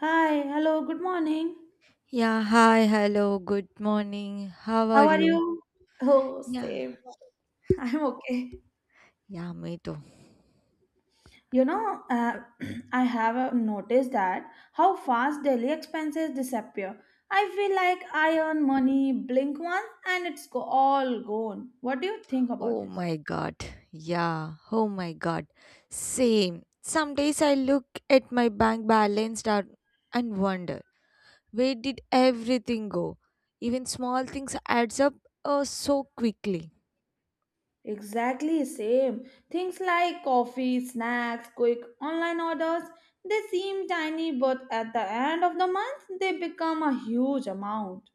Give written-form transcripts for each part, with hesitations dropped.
Hi, hello, good morning. Yeah, hi, hello, good morning. How are How are you? you? Oh, Yeah, same. I'm okay. yeah, me too. You know, uh, I have noticed that how fast daily expenses disappear. I feel like I earn money, blink once, and it's all gone. What do you think about Oh this? my god. Yeah, oh my god. Same. Some days I look at my bank balance down and wonder, where did everything go? Even small things adds up so quickly. Exactly same. Things like coffee, snacks, quick online orders, they seem tiny, but at the end of the month, they become a huge amount.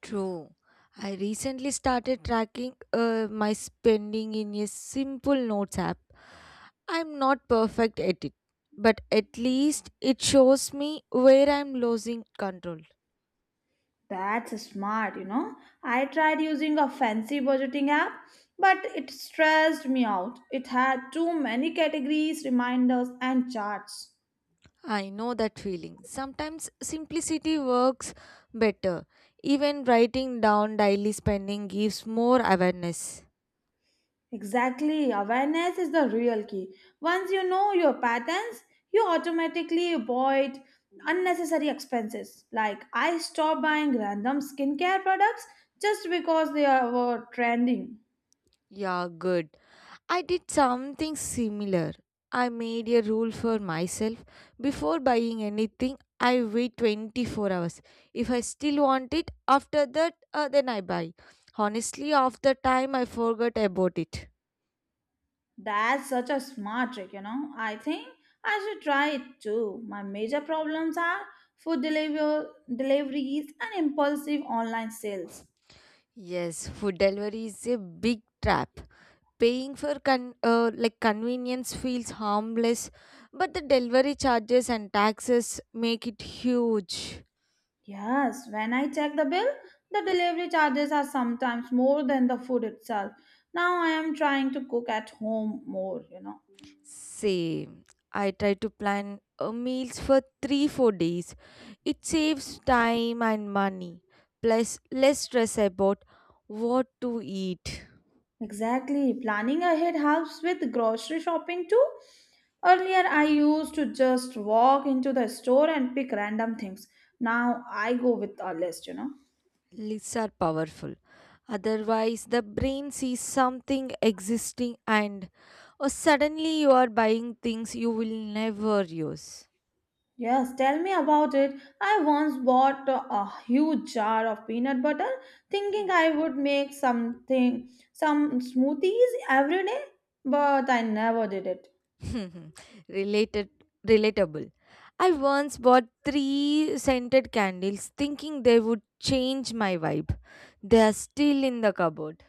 True. I recently started tracking my spending in a simple notes app. I'm not perfect at it, but at least it shows me where I'm losing control. That's smart, you know. I tried using a fancy budgeting app, but it stressed me out. It had too many categories, reminders, and charts. I know that feeling. Sometimes simplicity works better. Even writing down daily spending gives more awareness. Exactly, awareness is the real key. Once you know your patterns, you automatically avoid unnecessary expenses. Like, I stopped buying random skincare products just because were trending. Yeah, good. I did something similar. I made a rule for myself before buying anything, I wait 24 hours. If I still want it, after that, then I buy. Honestly, after time, I forgot about it. That's such a smart trick, you know. I think I should try it too. My major problems are food deliver- deliveries and impulsive online sales. Yes, food delivery is a big trap. Paying for like convenience feels harmless, but the delivery charges and taxes make it huge. Yes, when I check the bill, the delivery charges are sometimes more than the food itself. Now I am trying to cook at home more, you know. Same. I try to plan meals for 3 4 days. It saves time and money. Plus less stress about what to eat. Exactly. Planning ahead helps with grocery shopping too. Earlier, I used to just walk into the store and pick random things. Now I go with a list, you know. Lists are powerful. Otherwise the brain sees something existing and or suddenly you are buying things you will never use. Yes, tell me about it. I once bought a huge jar of peanut butter thinking I would make something, some smoothies every day, but I never did it. Related, relatable. I once bought three scented candles thinking they would change my vibe. They are still in the cupboard.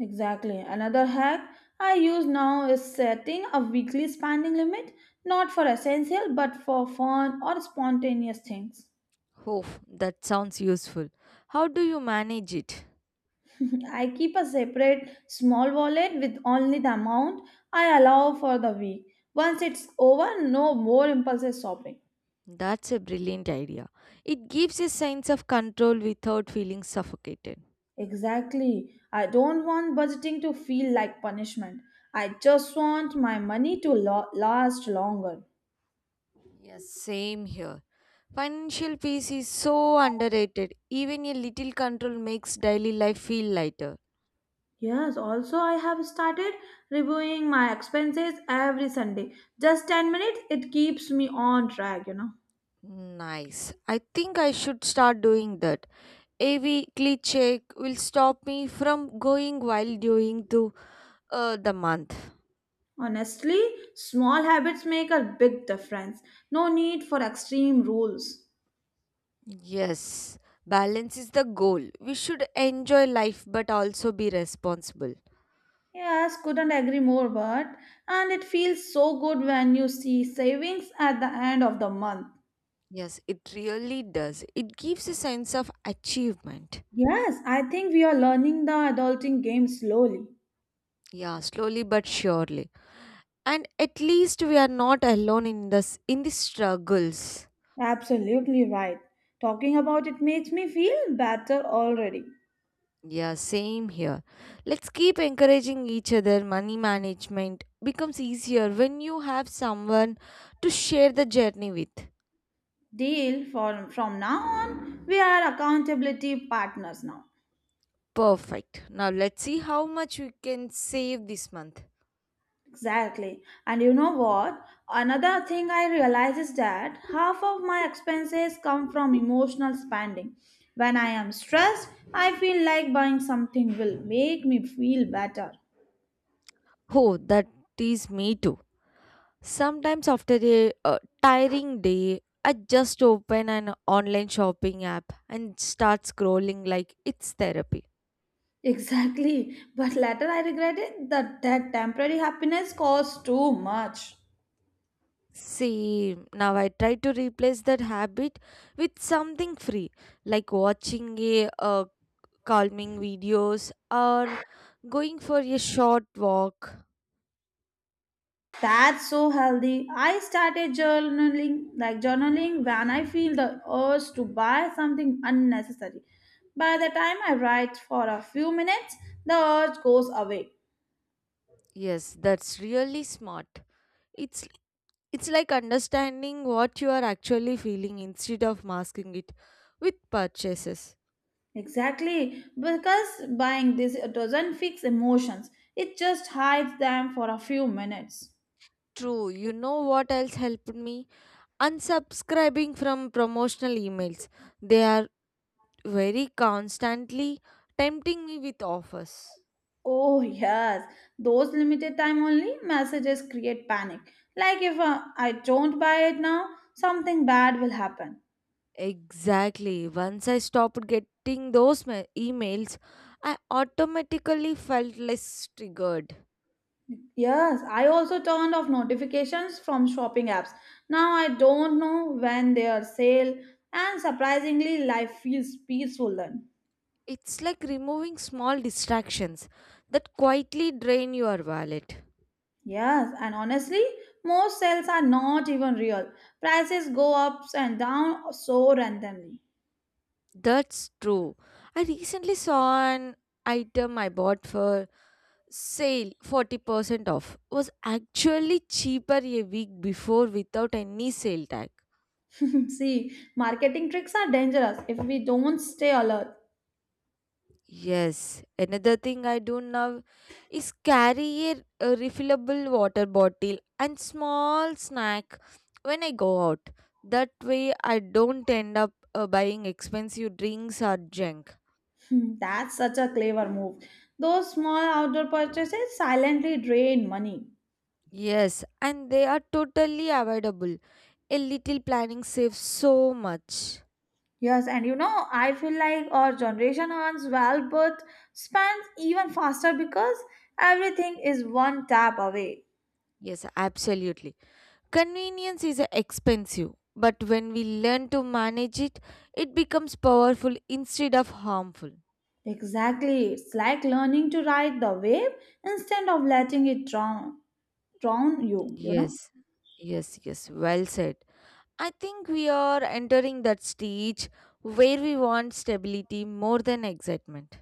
Exactly. Another hack I use now is setting a weekly spending limit, not for essential but for fun or spontaneous things. Oh, that sounds useful. How do you manage it? I keep a separate small wallet with only the amount I allow for the week. Once it's over, no more impulsive shopping. That's a brilliant idea. It gives a sense of control without feeling suffocated. Exactly. I don't want budgeting to feel like punishment. I just want my money to last longer. Yes, same here. Financial peace is so underrated. Even a little control makes daily life feel lighter. Yes, also I have started reviewing my expenses every Sunday. Just 10 minutes, it keeps me on track, you know. Nice. I think I should start doing that. A weekly check will stop me from going wild during the month. Honestly, small habits make a big difference. No need for extreme rules. Yes, balance is the goal. We should enjoy life but also be responsible. Yes, couldn't agree more, but and it feels so good when you see savings at the end of the month. Yes, it really does. It gives a sense of achievement. Yes, I think we are learning the adulting game slowly. Yeah, slowly but surely. And at least we are not alone in this in the struggles. Absolutely right. Talking about it makes me feel better already. Yeah, same here. Let's keep encouraging each other. Money management becomes easier when you have someone to share the journey with. Deal for from now on, we are accountability partners now. Perfect. Now let's see how much we can save this month. Exactly. And you know what? Another thing I realize is that half of my expenses come from emotional spending. When I am stressed, I feel like buying something will make me feel better. Oh, that is me too. Sometimes after a tiring day, I just open an online shopping app and start scrolling like it's therapy. Exactly. But later I regretted that temporary happiness costs too much. See, now I try to replace that habit with something free, like watching a calming videos or going for a short walk. That's so healthy. I started journaling, like journaling when I feel the urge to buy something unnecessary. By the time I write for a few minutes, the urge goes away. Yes, that's really smart. It's it's like understanding what you are actually feeling instead of masking it with purchases. Exactly. Because buying this doesn't fix emotions. It just hides them for a few minutes. True, you know what else helped me? Unsubscribing from promotional emails. They are very constantly tempting me with offers. Oh, yes. Those limited time only messages create panic. Like if I don't buy it now, something bad will happen. Exactly. Once I stopped getting those emails, I automatically felt less triggered. Yes, I also turned off notifications from shopping apps. Now I don't know when they are sale, and surprisingly, life feels peaceful then. It's like removing small distractions that quietly drain your wallet. Yes, and honestly, most sales are not even real. Prices go ups and down so randomly. That's true. I recently saw an item I bought for sale 40% off was actually cheaper a week before without any sale tag. See, marketing tricks are dangerous if we don't stay alert. Yes, another thing I do now is carry a refillable water bottle and small snack when I go out. That way, I don't end up buying expensive drinks or junk. Hmm, that's such a clever move. Those small outdoor purchases silently drain money. Yes, and they are totally avoidable. A little planning saves so much. Yes, and you know, I feel like our generation earns well but spends even faster because everything is one tap away. Yes, absolutely. Convenience is expensive, but when we learn to manage it, it becomes powerful instead of harmful. Exactly. It's like learning to ride the wave instead of letting it drown you, you know? Yes, yes, yes. Well said. I think we are entering that stage where we want stability more than excitement.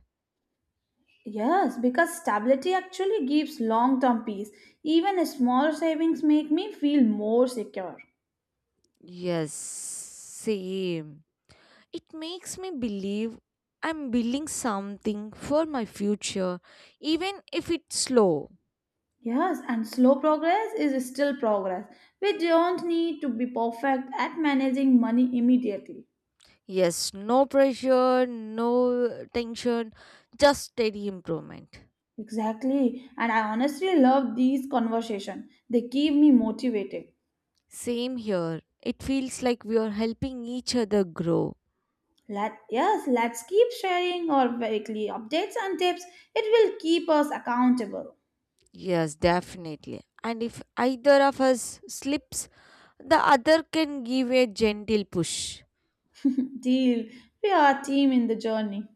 Yes, because stability actually gives long-term peace. Even small savings make me feel more secure. Yes, same. It makes me believe I'm building something for my future, even if it's slow. Yes, and slow progress is still progress. We don't need to be perfect at managing money immediately. Yes, no pressure, no tension, just steady improvement. Exactly. And I honestly love these conversations. They keep me motivated. Same here. It feels like we are helping each other grow. Let yes, let's keep sharing our weekly updates and tips. It will keep us accountable. Yes, definitely. And if either of us slips, the other can give a gentle push. Deal. We are a team in the journey.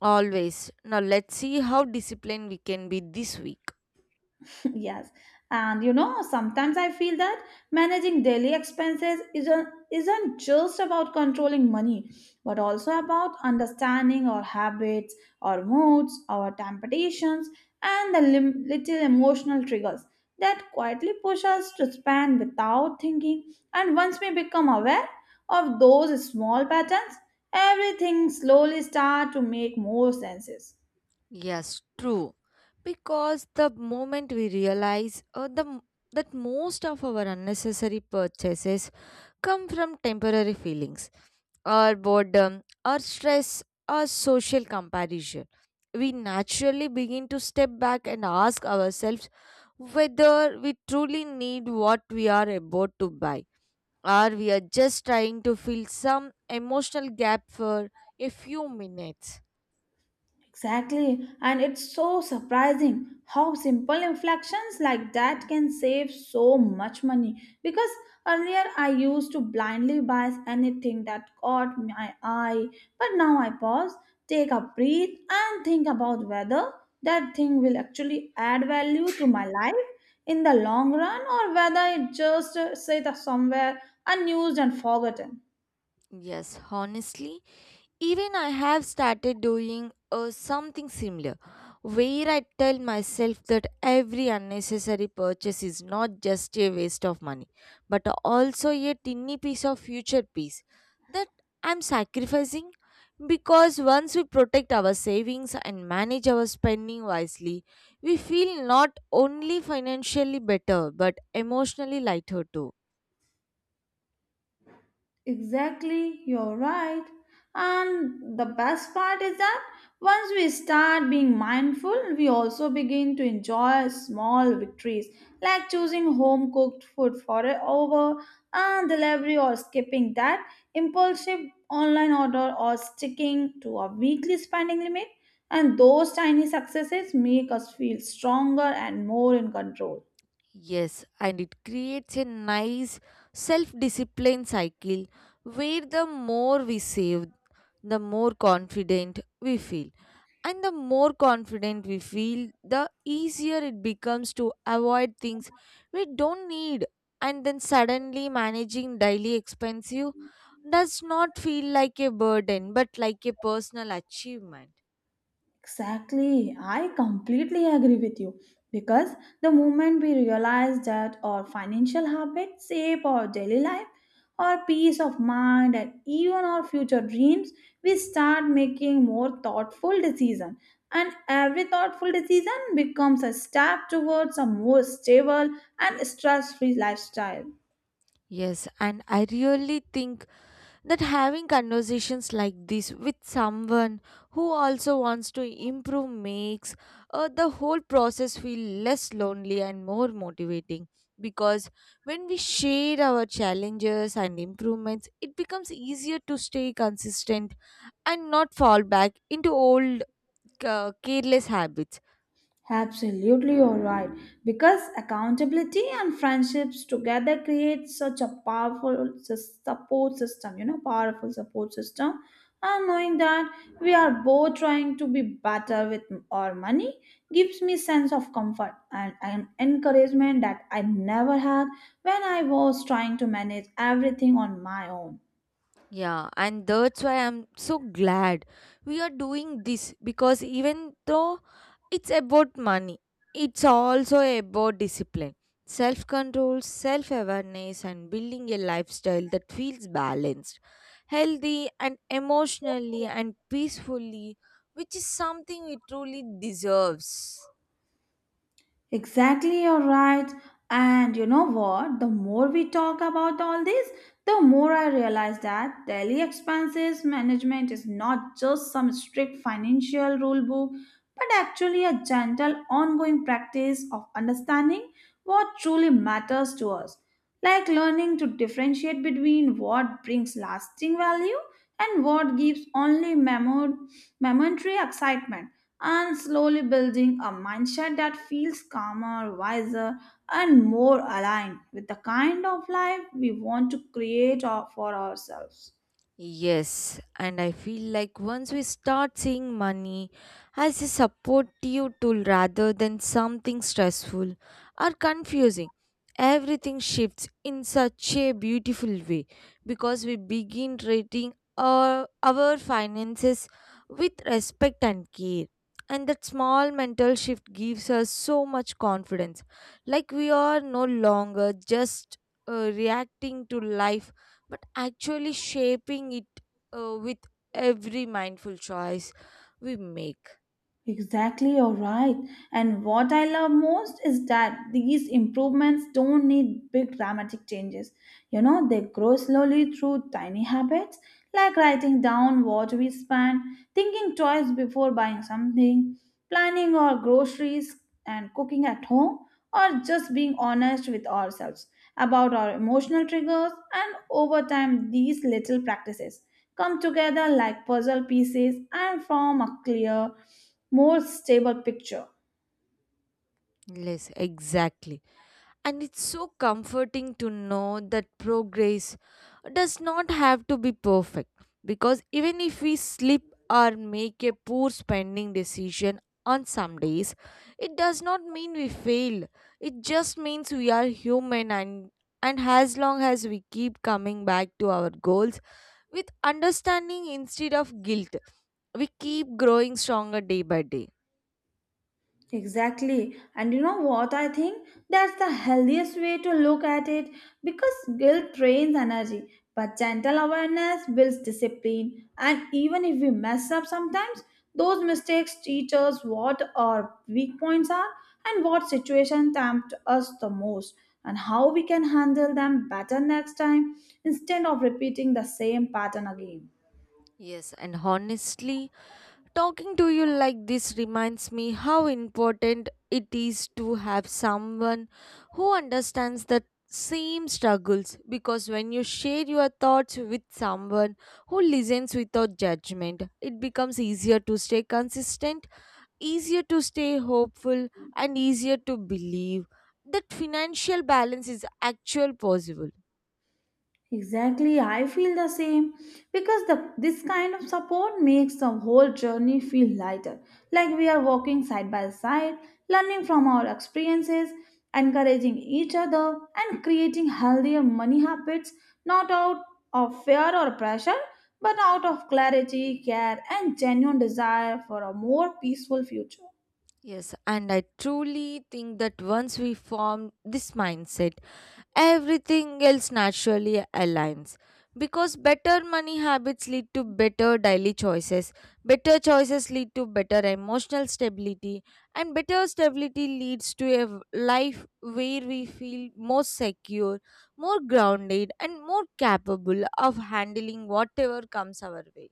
Always. Now let's see how disciplined we can be this week. Yes. And you know, sometimes I feel that managing daily expenses isn't just about controlling money, but also about understanding our habits, our moods, our temptations, and the little emotional triggers that quietly push us to spend without thinking. And once we become aware of those small patterns, everything slowly start to make more sense. Yes, true. Because the moment we realize that most of our unnecessary purchases come from temporary feelings, or boredom or stress or social comparison. We naturally begin to step back and ask ourselves whether we truly need what we are about to buy or we are just trying to fill some emotional gap for a few minutes. Exactly, and it's so surprising how simple inflections like that can save so much money. Because earlier I used to blindly buy anything that caught my eye, but now I pause, take a breath, and think about whether that thing will actually add value to my life in the long run or whether it just sit somewhere unused and forgotten. Yes, honestly, even I have started doing something similar, where I tell myself that every unnecessary purchase is not just a waste of money, but also a tiny piece of future peace that I'm sacrificing. Because once we protect our savings and manage our spending wisely, we feel not only financially better but emotionally lighter too. Exactly, you're right. And the best part is that once we start being mindful, we also begin to enjoy small victories like choosing home cooked food for a over and delivery or skipping that impulsive online order or sticking to a weekly spending limit. And those tiny successes make us feel stronger and more in control. Yes, and it creates a nice self discipline cycle where the more we save, the more confident we feel. And the more confident we feel, the easier it becomes to avoid things we don't need. And then suddenly managing daily expenses does not feel like a burden but like a personal achievement. Exactly. I completely agree with you because the moment we realize that our financial habits shape our daily life, our peace of mind, and even our future dreams, we start making more thoughtful decisions. And every thoughtful decision becomes a step towards a more stable and stress free lifestyle. Yes, and I really think that having conversations like this with someone who also wants to improve makes the whole process feel less lonely and more motivating because when we share our challenges and improvements it becomes easier to stay consistent and not fall back into old careless habits. Absolutely, you're right. Because accountability and friendships together create such a powerful support system, you know, powerful support system. And knowing that we are both trying to be better with our money gives me sense of comfort and an encouragement that I never had when I was trying to manage everything on my own. Yeah, and that's why I'm so glad we are doing this because even though it's about money, it's also about discipline, self control, self awareness, and building a lifestyle that feels balanced, healthy, and emotionally and peacefully, which is something we truly deserves. Exactly, you're right. And you know what? The more we talk about all this, the more I realize that daily expenses management is not just some strict financial rule book, but actually a gentle, ongoing practice of understanding what truly matters to us. Like learning to differentiate between what brings lasting value and what gives only momentary excitement and slowly building a mindset that feels calmer, wiser, and more aligned with the kind of life we want to create for ourselves. Yes, and I feel like once we start seeing money as a supportive tool rather than something stressful or confusing, everything shifts in such a beautiful way because we begin treating our finances with respect and care. And that small mental shift gives us so much confidence, like we are no longer just reacting to life but actually shaping it with every mindful choice we make. Exactly, you're right. And what I love most is that these improvements don't need big dramatic changes. You know, they grow slowly through tiny habits like writing down what we spend, thinking twice before buying something, planning our groceries and cooking at home, or just being honest with ourselves about our emotional triggers. And over time, these little practices come together like puzzle pieces and form a clear, more stable picture. Yes, exactly. And it's so comforting to know that progress does not have to be perfect because even if we slip or make a poor spending decision on some days, it does not mean we failed. It just means we are human and as long as we keep coming back to our goals with understanding instead of guilt. We keep growing stronger day by day. Exactly. And you know what I think? That's the healthiest way to look at it because guilt drains energy, but gentle awareness builds discipline. And even if we mess up sometimes, those mistakes teach us what our weak points are and what situation tempt us the most and how we can handle them better next time instead of repeating the same pattern again. Yes, and honestly, talking to you like this reminds me how important it is to have someone who understands the same struggles because when you share your thoughts with someone who listens without judgment, it becomes easier to stay consistent, easier to stay hopeful, and easier to believe that financial balance is actual possible. Exactly, I feel the same because the this kind of support makes the whole journey feel lighter. Like we are walking side by side, learning from our experiences, encouraging each other, and creating healthier money habits not out of fear or pressure, but out of clarity, care, and genuine desire for a more peaceful future. Yes, and I truly think that once we form this mindset everything else naturally aligns because better money habits lead to better daily choices, better choices lead to better emotional stability, and better stability leads to a life where we feel more secure, more grounded and more capable of handling whatever comes our way.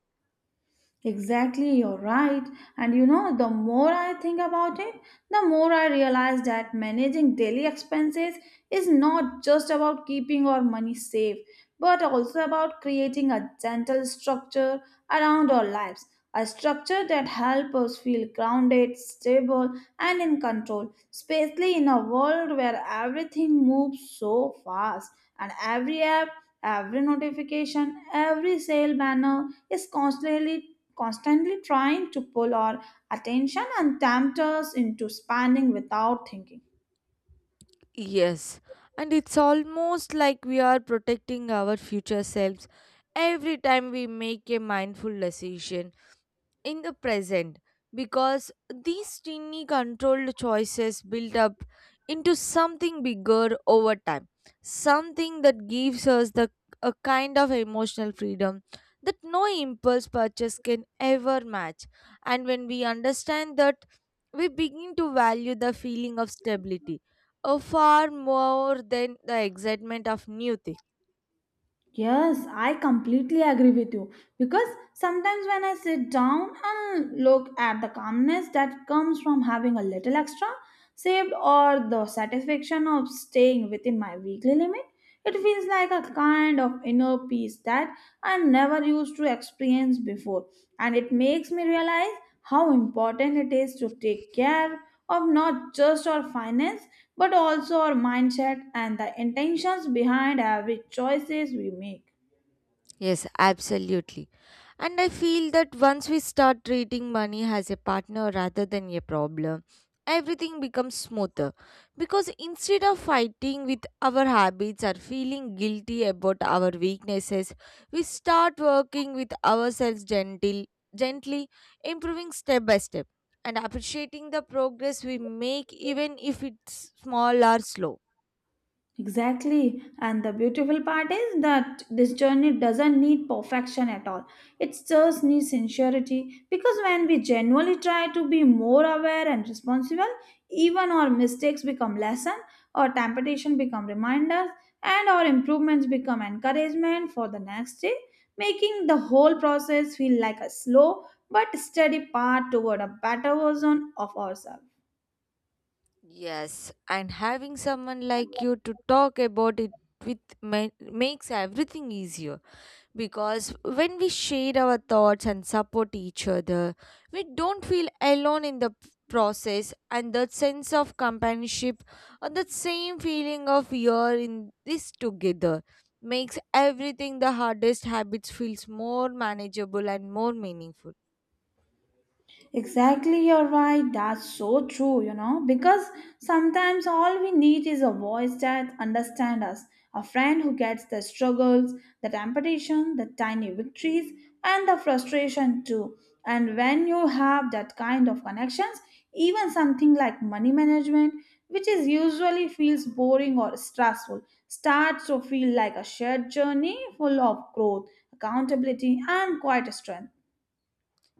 Exactly, you're right. And you know, the more I think about it, the more I realize that managing daily expenses is not just about keeping our money safe, but also about creating a gentle structure around our lives. A structure that helps us feel grounded, stable, and in control, especially in a world where everything moves so fast and every app, every notification, every sale banner is constantly trying to pull our attention and tempt us into spending without thinking. Yes, and it's almost like we are protecting our future selves every time we make a mindful decision in the present because these tiny controlled choices build up into something bigger over time, something that gives us the a kind of emotional freedom that no impulse purchase can ever match, and when we understand that we begin to value the feeling of stability far more than the excitement of new things. Yes, I completely agree with you because sometimes when I sit down and look at the calmness that comes from having a little extra saved or the satisfaction of staying within my weekly limit, it feels like a kind of inner peace that I never used to experience before. And it makes me realize how important it is to take care of not just our finance but also our mindset and the intentions behind every choices we make. Yes, absolutely. And I feel that once we start treating money as a partner rather than a problem, everything becomes smoother. Because instead of fighting with our habits or feeling guilty about our weaknesses, we start working with ourselves gently, improving step by step, and appreciating the progress we make, even if it's small or slow. Exactly. And the beautiful part is that this journey doesn't need perfection at all. It just needs sincerity because when we genuinely try to be more aware and responsible, even our mistakes become lesson, our temptation become reminders, and our improvements become encouragement for the next day, making the whole process feel like a slow but steady path toward a better version of ourselves. Yes, and having someone like you to talk about it with makes everything easier because when we share our thoughts and support each other, we don't feel alone in the process, and that sense of companionship or that same feeling of we are in this together makes everything the hardest habits feels more manageable and more meaningful. Exactly, you're right. That's so true, you know, because sometimes all we need is a voice that understands us, a friend who gets the struggles, the temptation, the tiny victories, and the frustration too. And when you have that kind of connections, even something like money management, which is usually feels boring or stressful, starts to feel like a shared journey full of growth, accountability, and quite strength.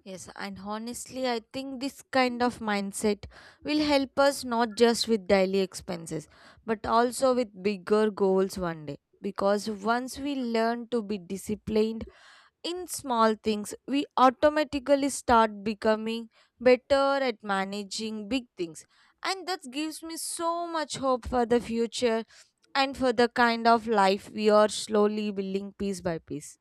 Yes, and honestly, I think this kind of mindset will help us not just with daily expenses, but also with bigger goals one day. Because once we learn to be disciplined in small things, we automatically start becoming better at managing big things. And that gives me so much hope for the future and for the kind of life we are slowly building piece by piece.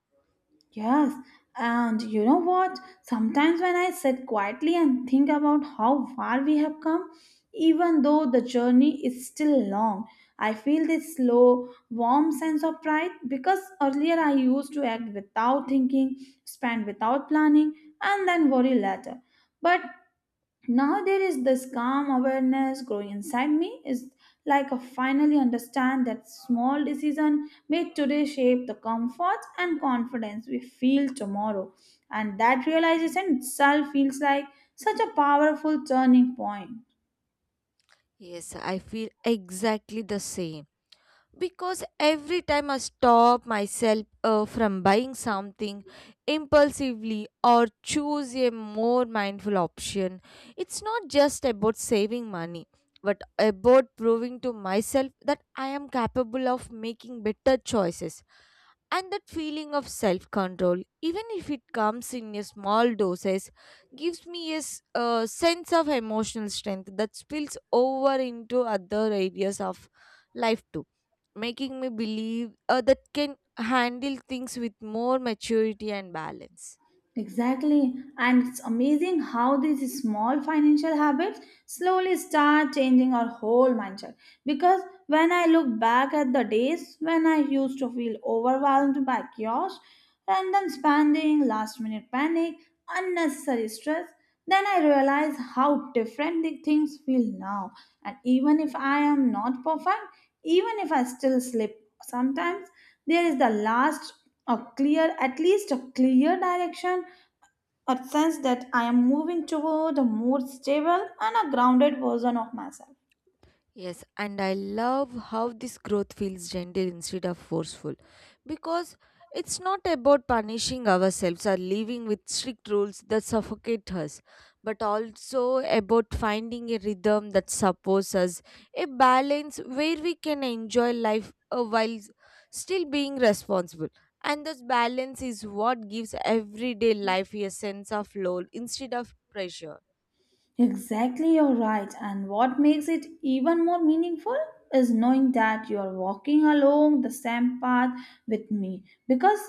Yes, and you know what? Sometimes when I sit quietly and think about how far we have come, even though the journey is still long, I feel this slow, warm sense of pride because earlier I used to act without thinking, spend without planning, and then worry later. But now there is this calm awareness growing inside me is like I finally understand that small decision made today shape the comfort and confidence we feel tomorrow and that realization itself feels like such a powerful turning point. Yes, I feel exactly the same. Because every time I stop myself from buying something impulsively or choose a more mindful option, it's not just about saving money, but about proving to myself that I am capable of making better choices, and that feeling of self control, even if it comes in a small doses, gives me a sense of emotional strength that spills over into other areas of life too, making me believe that can handle things with more maturity and balance. Exactly. And it's amazing how these small financial habits slowly start changing our whole mindset. Because when I look back at the days when I used to feel overwhelmed by chaos, random spending, last minute panic, unnecessary stress, then I realize how different the things feel now. And even if I am not perfect, even if I still slip sometimes, there is the last a clear at least a clear direction, a sense that I am moving toward a more stable and a grounded version of myself. Yes, and I love how this growth feels gentle instead of forceful because it's not about punishing ourselves or living with strict rules that suffocate us, but also about finding a rhythm that supports us, a balance where we can enjoy life while still being responsible. And this balance is what gives everyday life a sense of lull instead of pressure. Exactly, you're right. And what makes it even more meaningful is knowing that you're walking along the same path with me. Because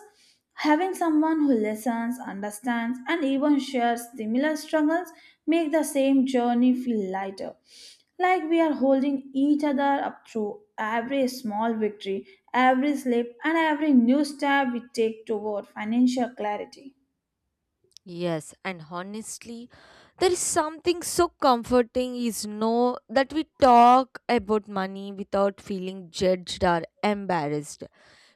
having someone who listens, understands, and even shares similar struggles make the same journey feel lighter. Like we are holding each other up through every small victory, every slip, and every new step we take toward financial clarity. Yes, and honestly, there is something so comforting is know that we talk about money without feeling judged or embarrassed.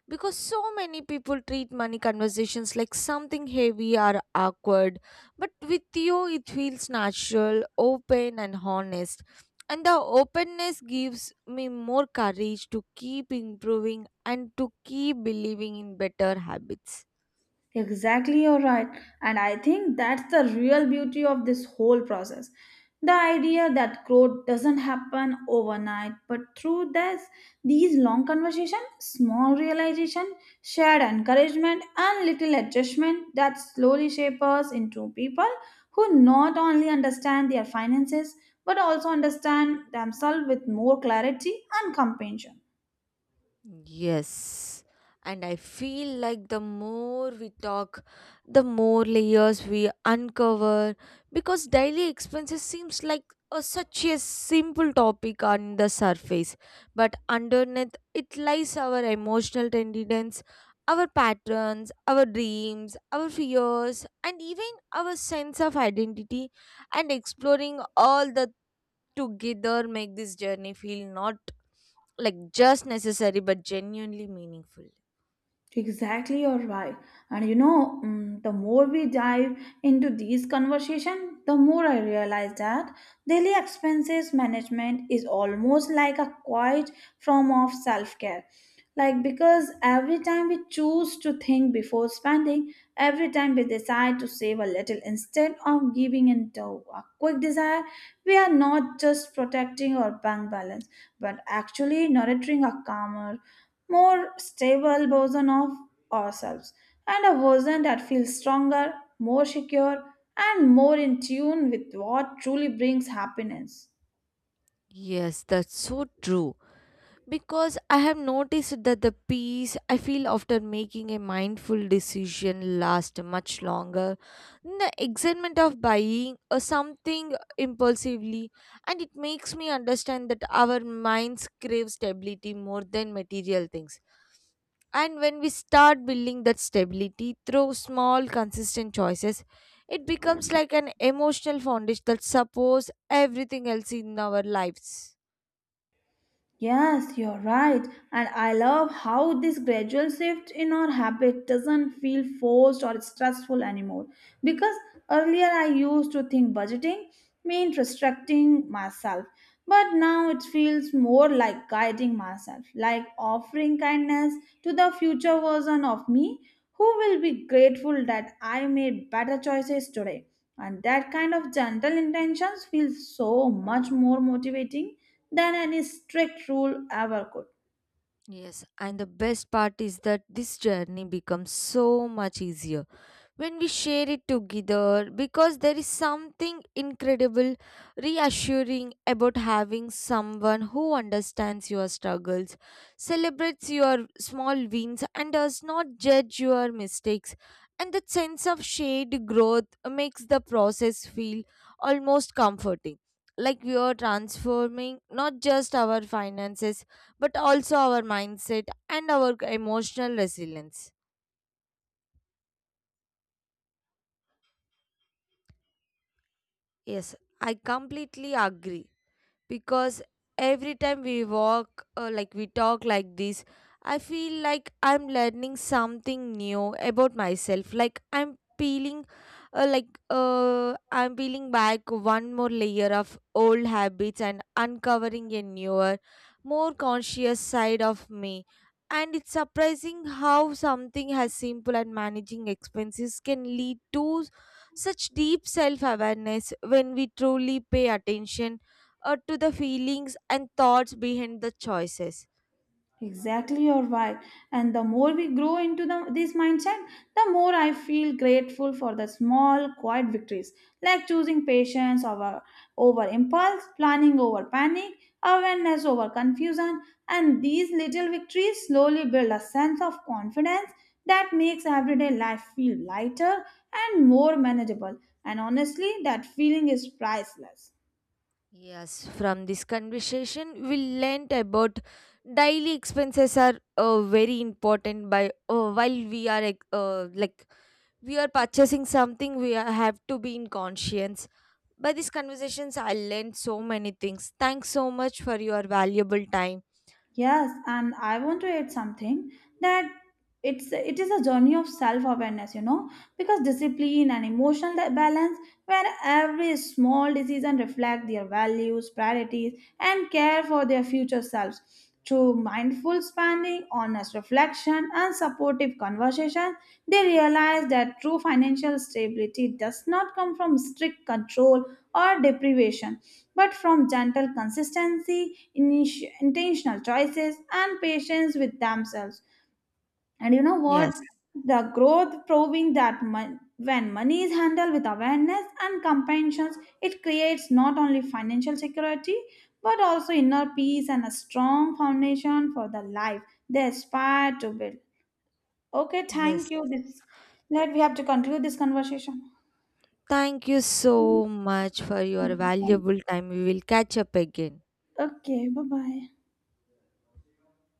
Because so many people treat money conversations like something heavy or awkward, but with you it feels natural, open and honest. And the openness gives me more courage to keep improving and to keep believing in better habits. Exactly, you're right. And I think that's the real beauty of this whole process. The idea that growth doesn't happen overnight, but through this, these long conversation, small realization, shared encouragement, and little adjustment that slowly shape us into people who not only understand their finances, but also understand themselves with more clarity and compassion. Yes. And I feel like the more we talk, the more layers we uncover because daily expenses seems like such a simple topic on the surface, but underneath it lies our emotional tenderness, our patterns, our dreams, our fears, and even our sense of identity. And exploring all the together make this journey feel not like just necessary but genuinely meaningful. Exactly, or why? And you know, the more we dive into these conversation, the more I realize that daily expenses management is almost like a quiet form of self-care. Like because every time we choose to think before spending, every time we decide to save a little instead of giving into a quick desire, we are not just protecting our bank balance, but actually nurturing a calmer more stable version of ourselves and a version that feels stronger, more secure, and more in tune with what truly brings happiness. Yes, that's so true. Because I have noticed that the peace I feel after making a mindful decision lasts much longer than the excitement of buying or something impulsively, and it makes me understand that our minds crave stability more than material things. And when we start building that stability through small, consistent choices, it becomes like an emotional foundation that supports everything else in our lives. Yes, you're right. And I love how this gradual shift in our habit doesn't feel forced or stressful anymore. Because earlier I used to think budgeting meant restricting myself. But now it feels more like guiding myself, like offering kindness to the future version of me who will be grateful that I made better choices today. And that kind of gentle intentions feels so much more motivating than any strict rule ever could. Yes, and the best part is that this journey becomes so much easier when we share it together because there is something incredible reassuring about having someone who understands your struggles, celebrates your small wins and does not judge your mistakes, and that sense of shared growth makes the process feel almost comforting, like we are transforming not just our finances but also our mindset and our emotional resilience. Yes, I completely agree because every time we walk like we talk like this I feel like I'm learning something new about myself, like I'm peeling back one more layer of old habits and uncovering a newer, more conscious side of me, and it's surprising how something as simple as managing expenses can lead to such deep self awareness when we truly pay attention or to the feelings and thoughts behind the choices. Exactly, you're right. And the more we grow into this mindset, the more I feel grateful for the small, quiet victories, like over impulse, planning over panic, awareness over confusion. And these little victories slowly build a sense of confidence that makes everyday life feel lighter and more manageable. And honestly, that feeling is priceless. Yes, from this conversation, we learnt about daily expenses are very important. By while we are ex- like We are purchasing something, we are, have to be in conscience. By these conversations, I learned so many things. Thanks so much for your valuable time. Yes, and I want to add something that it is a journey of self-awareness, you know, because discipline and balance, where every small decision reflect their values, priorities, and care for their future selves. Through mindful spending, honest reflection, and supportive conversation, they realize that true financial stability does not come from strict control or deprivation but from gentle consistency, intentional choices, and patience with themselves. And you know what? Yes, The growth proving that when money is handled with awareness and compassion, it creates not only financial security but also inner peace and a strong foundation for the life they aspire to build. Okay, yes. thank you. This let we have to conclude this conversation. Thank you so much for your valuable time. We will catch up again. Okay, bye bye.